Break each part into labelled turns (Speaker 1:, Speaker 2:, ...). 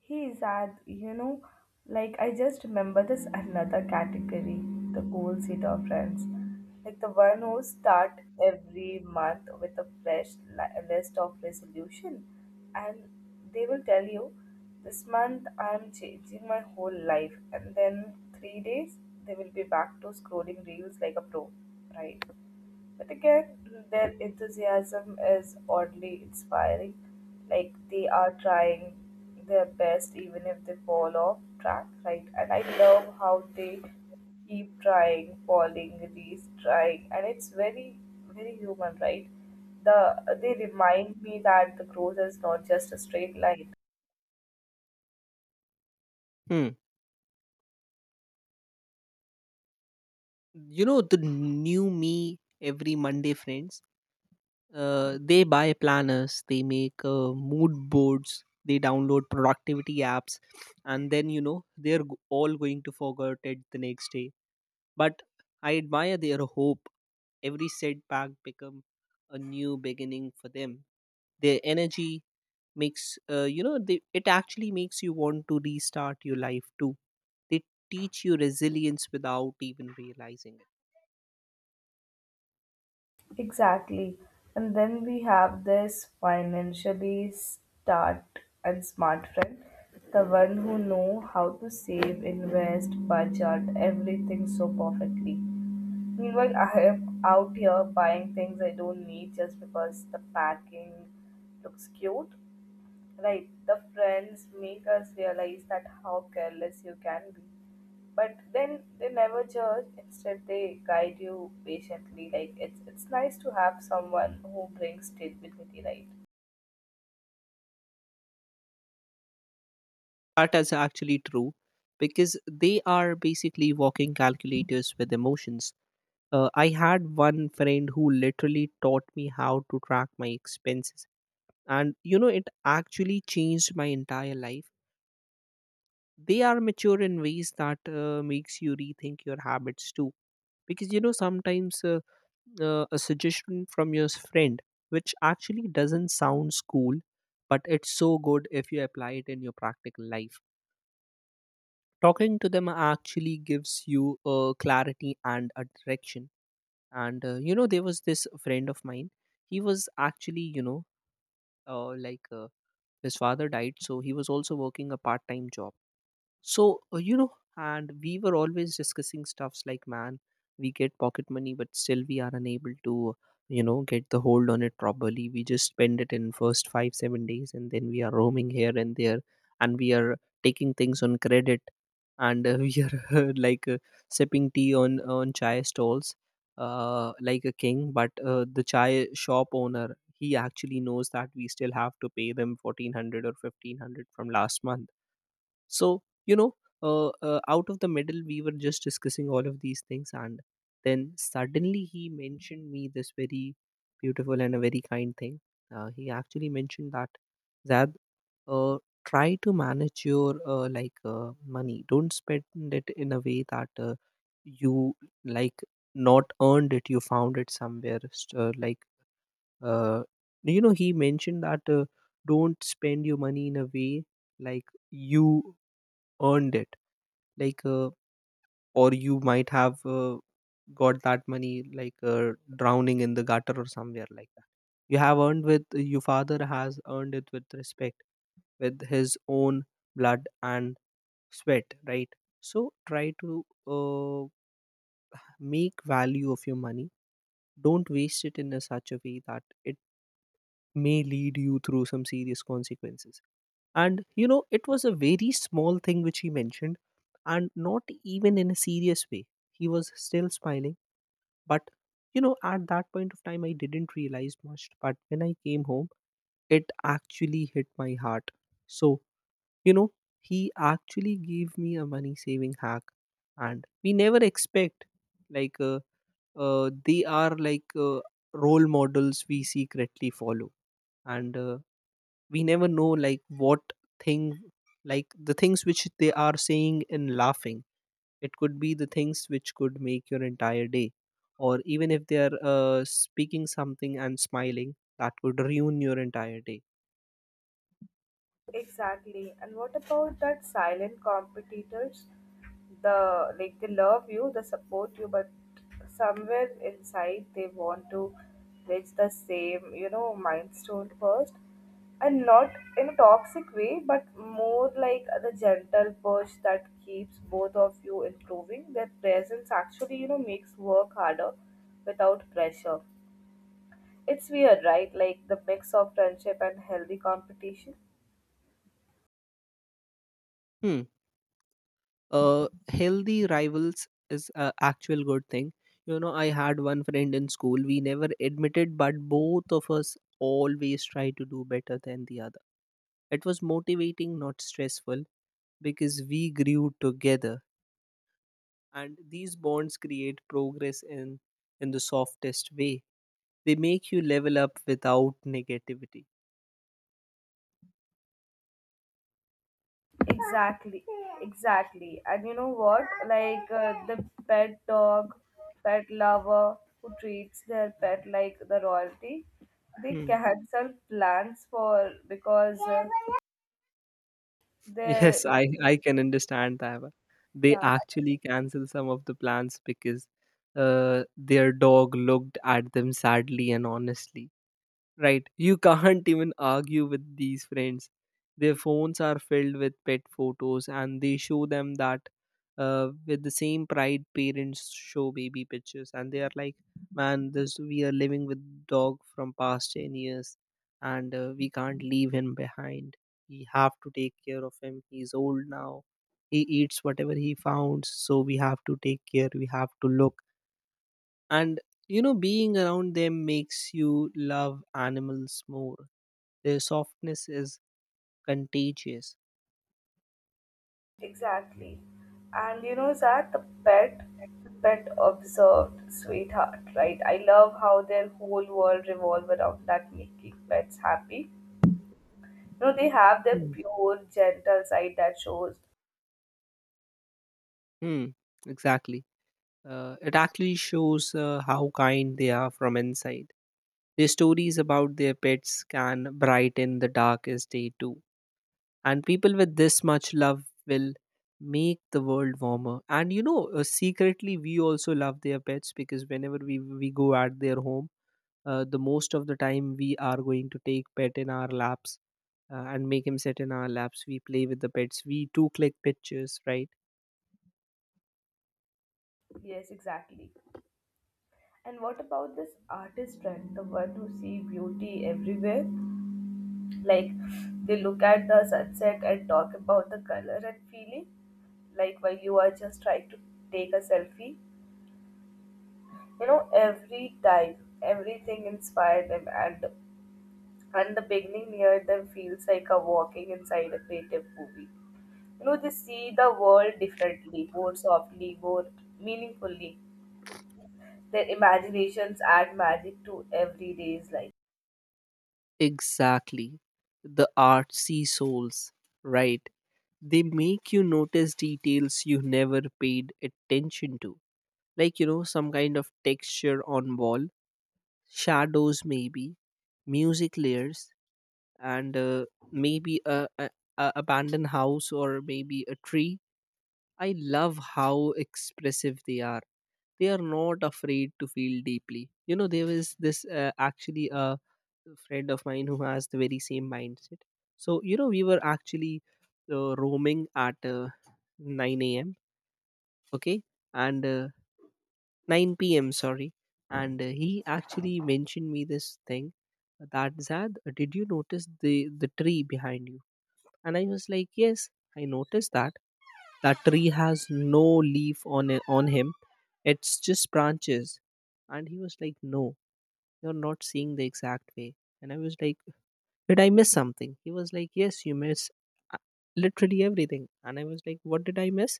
Speaker 1: He is at, like I just remember this another category, the cool seater friends. Like the one who start every month with a fresh list of resolution and they will tell you this month I'm changing my whole life and then 3 days they will be back to scrolling reels like a pro, right? But again, their enthusiasm is oddly inspiring. Like they are trying their best even if they fall off track, right? And I love how they keep trying, falling, retrying, and it's very, very human, right? They remind me that the growth is not just a straight line.
Speaker 2: Hmm. You know, the new me every Monday friends, they buy planners, they make mood boards, they download productivity apps, and then, all going to forget it the next day. But I admire their hope. Every setback become a new beginning for them. Their energy makes, it actually makes you want to restart your life too. They teach you resilience without even realizing it.
Speaker 1: Exactly. And then we have this financially start and smart friend, the one who know how to save, invest, budget, everything so perfectly. Meanwhile, I am out here buying things I don't need just because the packing looks cute. Right, the friends make us realize that how careless you can be. But then they never judge, instead they guide you patiently. Like it's nice to have someone who brings stability, right?
Speaker 2: That is actually true because they are basically walking calculators with emotions. I had one friend who literally taught me how to track my expenses, and you know, it actually changed my entire life. They are mature in ways that makes you rethink your habits too, because you know sometimes a suggestion from your friend, which actually doesn't sound cool, but it's so good if you apply it in your practical life. Talking to them actually gives you a clarity and a direction, and you know, there was this friend of mine. He was actually you know like His father died, so he was also working a part-time job. So, you know, and we were always discussing stuffs like, man, we get pocket money, but still we are unable to, you know, get the hold on it properly. We just spend it in first five, 7 days, and then we are roaming here and there, and we are taking things on credit, and we are like sipping tea on chai stalls, like a king. But the chai shop owner, he actually knows that we still have to pay them 1,400 or 1,500 from last month. So you know, out of the middle, we were just discussing all of these things, and then suddenly he mentioned me this very beautiful and a very kind thing. He actually mentioned that that uh, try to manage your money. Don't spend it in a way that you like not earned it, you found it somewhere uh, you know, he mentioned that, don't spend your money in a way like you earned it, like uh, or you might have got that money like drowning in the gutter or somewhere like that. You have earned with your father has earned it with respect, with his own blood and sweat, right? So try to make value of your money. Don't waste it in a such a way that it may lead you through some serious consequences. And you know, it was a very small thing which he mentioned, and not even in a serious way. He was still smiling. But you know, at that point of time, I didn't realize much. But when I came home, it actually hit my heart. So, you know, he actually gave me a money saving hack. And we never expect, like uh, they are role models we secretly follow. And we never know like what thing, like the things which they are saying and laughing, it could be the things which could make your entire day, or even if they are speaking something and smiling, that could ruin your entire day.
Speaker 1: Exactly. And what about that silent competitors? The like they love you, they support you, but somewhere inside they want to reach the same, you know, milestone first. And not in a toxic way, but more like the gentle push that keeps both of you improving. Their presence actually, you know, makes work harder without pressure. It's weird, right? Like the mix of friendship and healthy competition.
Speaker 2: Hmm. Uh, healthy rivals is a actual good thing. You know, I had one friend in school. We never admitted, but both of us always try to do better than the other. It was motivating, not stressful, because we grew together. And these bonds create progress in the softest way. They make you level up without negativity.
Speaker 1: Exactly, exactly. And you know what? The pet dog, pet lover who treats their pet like the royalty, they
Speaker 2: Hmm.
Speaker 1: cancel plans for because
Speaker 2: Yes,
Speaker 1: they
Speaker 2: I can understand that. They
Speaker 1: yeah,
Speaker 2: actually cancel some of the plans because uh, their dog looked at them sadly and honestly. Right. You can't even argue with these friends. Their phones are filled with pet photos and they show them that with the same pride parents show baby pictures. And they are like, man, this we are living with dog from past 10 years and we can't leave him behind. We have to take care of him. He's old now. He eats whatever he found. So we have to take care, we have to look. And you know, being around them makes you love animals more. Their softness is contagious.
Speaker 1: exactly. And you know that the pet observed sweetheart, right? I love how their whole world revolve around that making pets happy. You know, they have their
Speaker 2: Mm.
Speaker 1: pure, gentle side that shows
Speaker 2: Hmm, exactly. Uh, it actually shows how kind they are from inside. Their stories about their pets can brighten the darkest day too. And people with this much love will make the world warmer. And you know, secretly, we also love their pets because whenever we go at their home, the most of the time we are going to take pet in our laps, and make him sit in our laps, we play with the pets, we too click pictures, right?
Speaker 1: yes, exactly. And what about this artist friend, the one who see beauty everywhere? Like they look at the sunset and talk about the color and feeling, like while you are just trying to take a selfie. You know, every time, everything inspired them, and the beginning near them feels like a walking inside a creative movie. You know, they see the world differently, more softly, more meaningfully. Their imaginations add magic to everyday's life.
Speaker 2: Exactly, the artsy souls, right? They make you notice details you never paid attention to, like you know, some kind of texture on wall, shadows maybe, music layers, and maybe a abandoned house or maybe a tree. I love how expressive they are. They are not afraid to feel deeply. You know, there was this actually a friend of mine who has the very same mindset. So, you know, we were actually roaming at 9 a.m., okay, and 9 p.m., sorry. And he actually mentioned me this thing that, Zad, did you notice the tree behind you? And I was like, yes, I noticed that. That tree has no leaf on it, on him, it's just branches. And he was like, no, you're not seeing the exact way. And I was like, did I miss something? He was like, yes, you miss uh, literally everything. And I was like, what did I miss?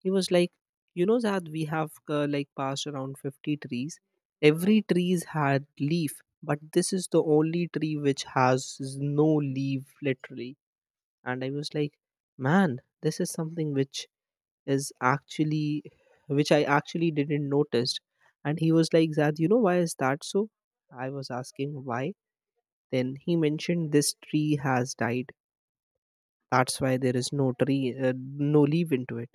Speaker 2: He was like, you know that we have passed around 50 trees, every trees had leaf, but this is the only tree which has no leaf literally. And I was like, man, this is something which is actually which I actually didn't notice. And he was like, Zad, you know why is that so? I was asking why. Then he mentioned this tree has died. That's why there is no tree, no leaf into it,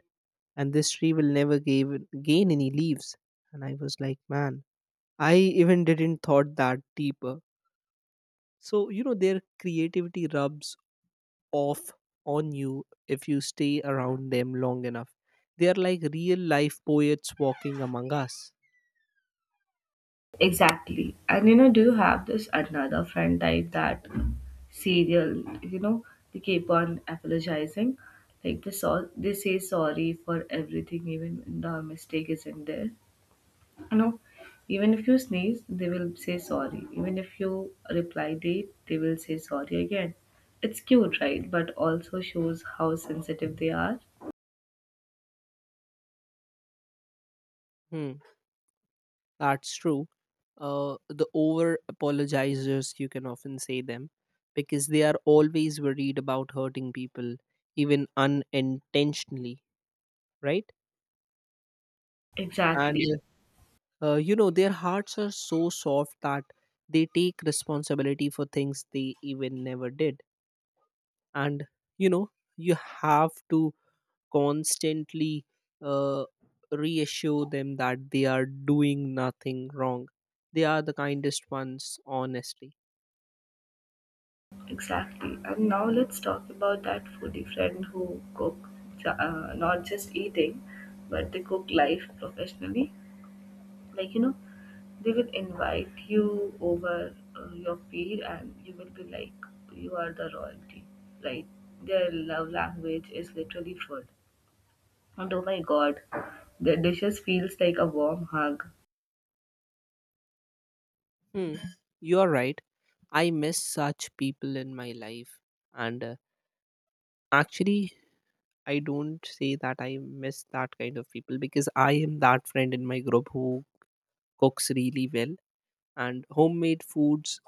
Speaker 2: and this tree will never gain any leaves. And I was like, man, I even didn't thought that deeper. So you know, their creativity rubs off on you if you stay around them long enough. They are like real life poets walking among us.
Speaker 1: Exactly. And you know, do you have this another friend type that serial, you know, they keep on apologizing? Like they say sorry for everything even when the mistake isn't there. You know, even if you sneeze, they will say sorry. Even if you reply late, they will say sorry again. It's cute, right? But also shows how sensitive they are.
Speaker 2: Hmm, that's true. The over apologizers, you can often say them, because they are always worried about hurting people, even unintentionally, right? And
Speaker 1: Exactly.
Speaker 2: you know, their hearts are so soft that they take responsibility for things they even never did. And you know, you have to constantly uh, reassure them that they are doing nothing wrong. They are the kindest ones, honestly.
Speaker 1: Exactly. And now let's talk about that foodie friend who cook not just eating, but they cook life professionally. Like you know, they will invite you over your feed, and you will be like, you are the royalty. Like their love language is literally food. And oh my God, their dishes feels like a warm hug.
Speaker 2: Hmm. You are right. I miss such people in my life. And actually, I don't say that I miss that kind of people because I am that friend in my group who cooks really well. And homemade foods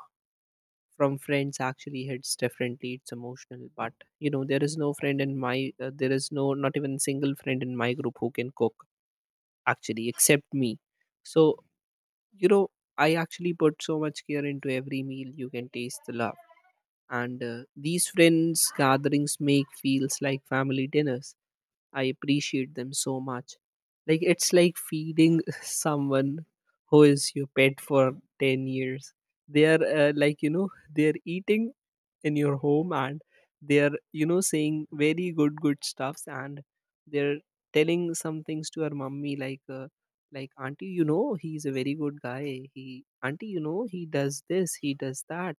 Speaker 2: from friends actually hits differently, it's emotional. But you know, there is no friend in my there is no not even single friend in my group who can cook, actually, except me. So you know, I actually put so much care into every meal, you can taste the love. And these friends gatherings make feels like family dinners. I appreciate them so much. Like it's like feeding someone who is your pet for 10 years. They are you know, they're eating in your home, and they're, you know, saying very good stuffs, and they're telling some things to her mummy, like, auntie, you know, he's a very good guy. He, auntie, you know, he does this, he does that.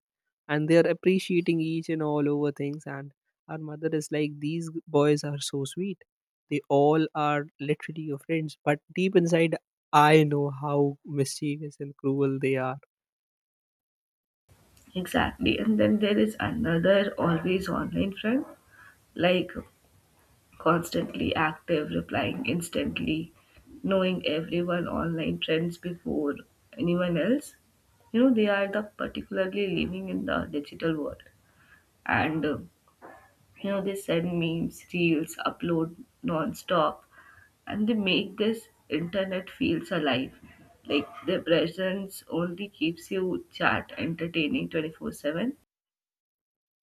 Speaker 2: And they're appreciating each and all over things, and our mother is like, these boys are so sweet. They all are literally your friends, but deep inside I know how mischievous and cruel they are.
Speaker 1: Exactly. And then there is another always online friend. Like constantly active, replying instantly, knowing everyone online trends before anyone else. You know, they are the particularly living in the digital world. And, you know, they send memes, reels, upload non-stop. And they make this internet feels alive. Like their presence only keeps you chat entertaining 24/7.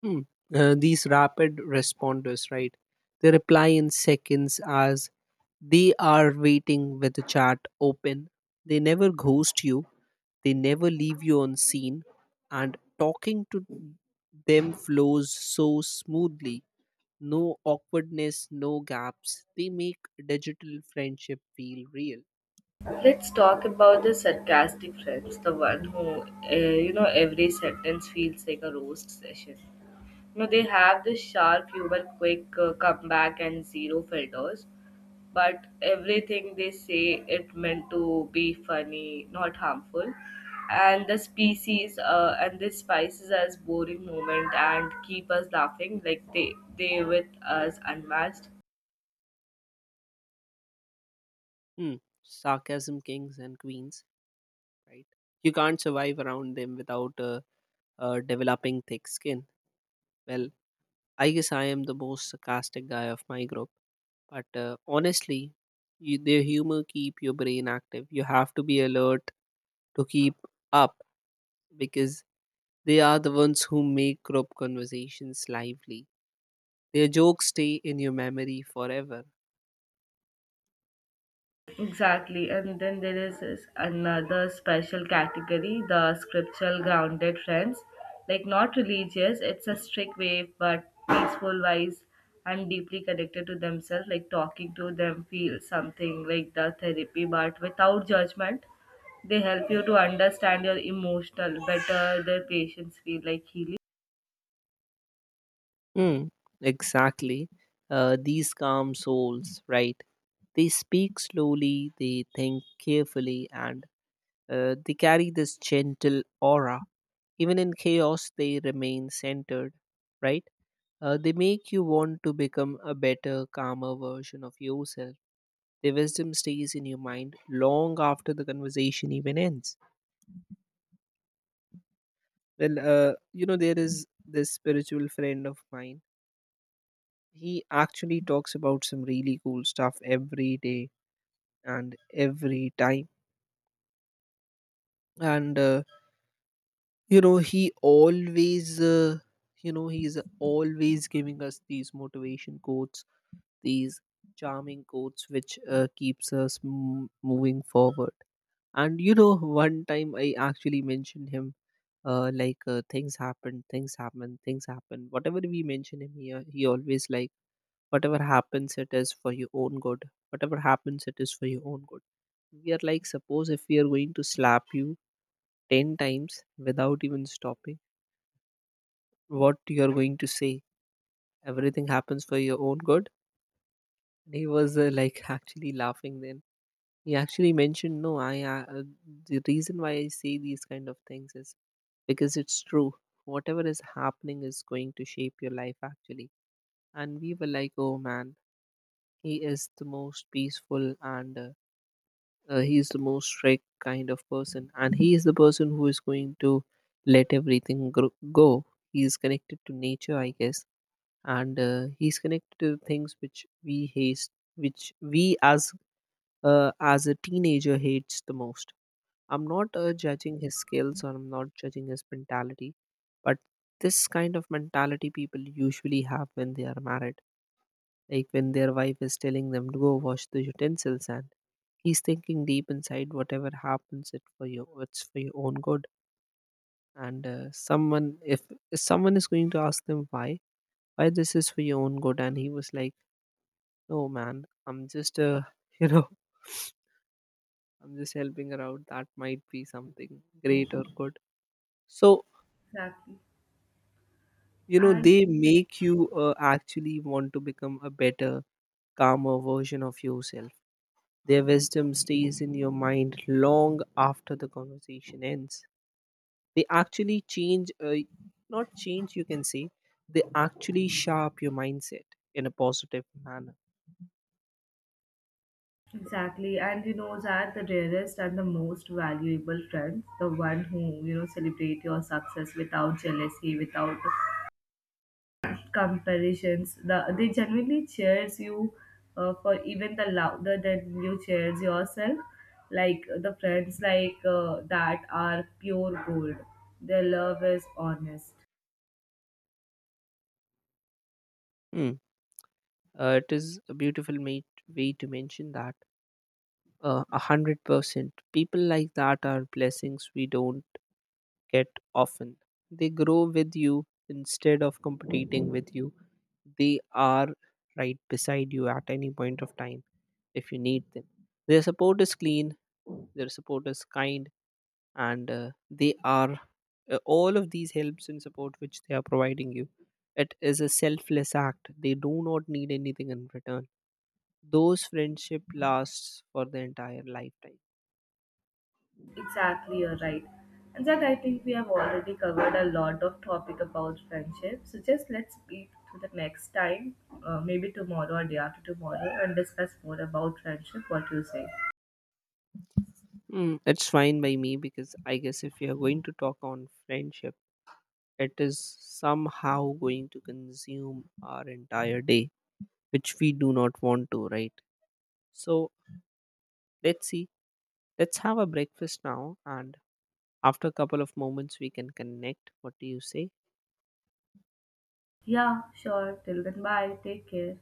Speaker 2: Hmm. These rapid responders, right? They reply in seconds as they are waiting with the chat open. They never ghost you, they never leave you on scene, and talking to them flows so smoothly. No awkwardness, no gaps. They make digital friendship feel real.
Speaker 1: Let's talk about the sarcastic friends, the one who, uh, you know, every sentence feels like a roast session. You know, they have this sharp humor, quick comeback, and zero filters. But everything they say, it meant to be funny, not harmful. And the species and the spices as boring moment and keep us laughing like they with us unmatched.
Speaker 2: Hmm. Sarcasm kings and queens, right? You can't survive around them without developing thick skin. Well, I guess I am the most sarcastic guy of my group. But honestly, their humor keep your brain active. You have to be alert to keep up because they are the ones who make group conversations lively. Their jokes stay in your memory forever.
Speaker 1: Exactly, and then there is this another special category, the scriptural grounded friends. Like not religious, it's a strict way, but peaceful, wise, and deeply connected to themselves. Like talking to them, feel something like the therapy, but without judgment. They help you to understand your emotional better. Their patients feel like healing.
Speaker 2: Hmm, exactly. These calm souls, right? They speak slowly, they think carefully, and they carry this gentle aura. Even in chaos, they remain centered, right? They make you want to become a better, calmer version of yourself. Their wisdom stays in your mind long after the conversation even ends. Well, there is this spiritual friend of mine. He actually talks about some really cool stuff every day and every time. And, you know, he always, you know, He's always giving us these motivation quotes, these charming quotes, which keeps us moving forward. One time I actually mentioned him, things happen, things happen. Whatever we mention him here, he always like whatever happens, it is for your own good. Whatever happens, it is for your own good. We are like, suppose if we are going to slap you 10 times without even stopping, what you are going to say? Everything happens for your own good. And he was like actually laughing. Then he actually mentioned, no, I the reason why I say these kind of things is because it's true, whatever is happening is going to shape your life actually. And we were like, oh man, he is the most peaceful and, he is the most strict kind of person, and he is the person who is going to let everything go. He is connected to nature, I guess, and he's connected to things which we hate, which we as a teenager hates the most. I'm not judging his skills, or I'm not judging his mentality, but this kind of mentality people usually have when they are married. Like when their wife is telling them to go wash the utensils, and he's thinking deep inside, whatever happens, it for you, it's for your own good. And someone, if someone is going to ask them why this is for your own good, and he was like, no man, I'm just you know, I'm just helping her out. That might be something great or good. So
Speaker 1: Exactly, and
Speaker 2: they make you actually want to become a better, calmer version of yourself. Their wisdom stays in your mind long after the conversation ends. They actually change, not change, you can say they actually sharp your mindset in a positive manner.
Speaker 1: exactly, and you know that the rarest and the most valuable friends, the one who you know celebrate your success without jealousy, without comparisons, they genuinely cheers you for even the louder than you cheers yourself. Like the friends that are pure gold. Their love is honest.
Speaker 2: Hmm. It is a beautiful mate, way to mention that, 100% people like that are blessings we don't get often. They grow with you instead of competing with you. They are right beside you at any point of time if you need them. Their support is clean, their support is kind, and they are all of these helps and support which they are providing you. It is a selfless act. They do not need anything in return. Those friendship lasts for the entire lifetime.
Speaker 1: Exactly, you're right. And that I think we have already covered a lot of topic about friendship. So just let's speak to the next time, maybe tomorrow or day after tomorrow, and discuss more about friendship. What you say?
Speaker 2: Mm, it's fine by me, because I guess if you're going to talk on friendship, it is somehow going to consume our entire day, which we do not want to, right? So let's see. Let's have a breakfast now, and after a couple of moments, we can connect. What do you say?
Speaker 1: Yeah, sure. Till then, bye. Take care.